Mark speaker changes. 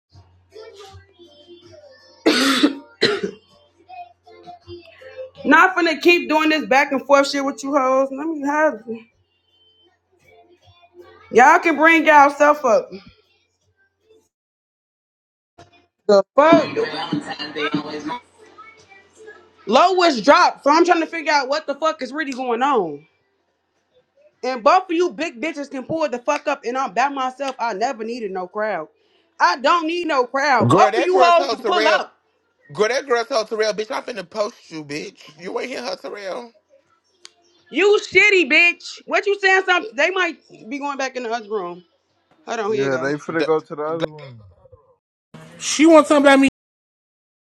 Speaker 1: Not finna keep doing this back and forth shit with you hoes. Let me have it. y'all can bring y'all self up. The fuck? Lowest dropped, so I'm trying to figure out what the fuck is really going on. And both of you big bitches can pull the fuck up, and I'm by myself. I never needed no crowd. I don't need no crowd.
Speaker 2: Girl,
Speaker 1: Both of
Speaker 2: that
Speaker 1: you
Speaker 2: girl
Speaker 1: hoes
Speaker 2: told
Speaker 1: can pull
Speaker 2: Terrell.
Speaker 1: up.
Speaker 2: Girl, that girl told Terrell, bitch, I'm finna post you, bitch. You ain't hear her, Terrell.
Speaker 1: You shitty bitch. What you saying? Something? They might be going back in the other room. Hold on, here you
Speaker 3: Yeah,
Speaker 1: go.
Speaker 3: they finna
Speaker 2: The,
Speaker 3: go to the other one.
Speaker 4: She wants something about me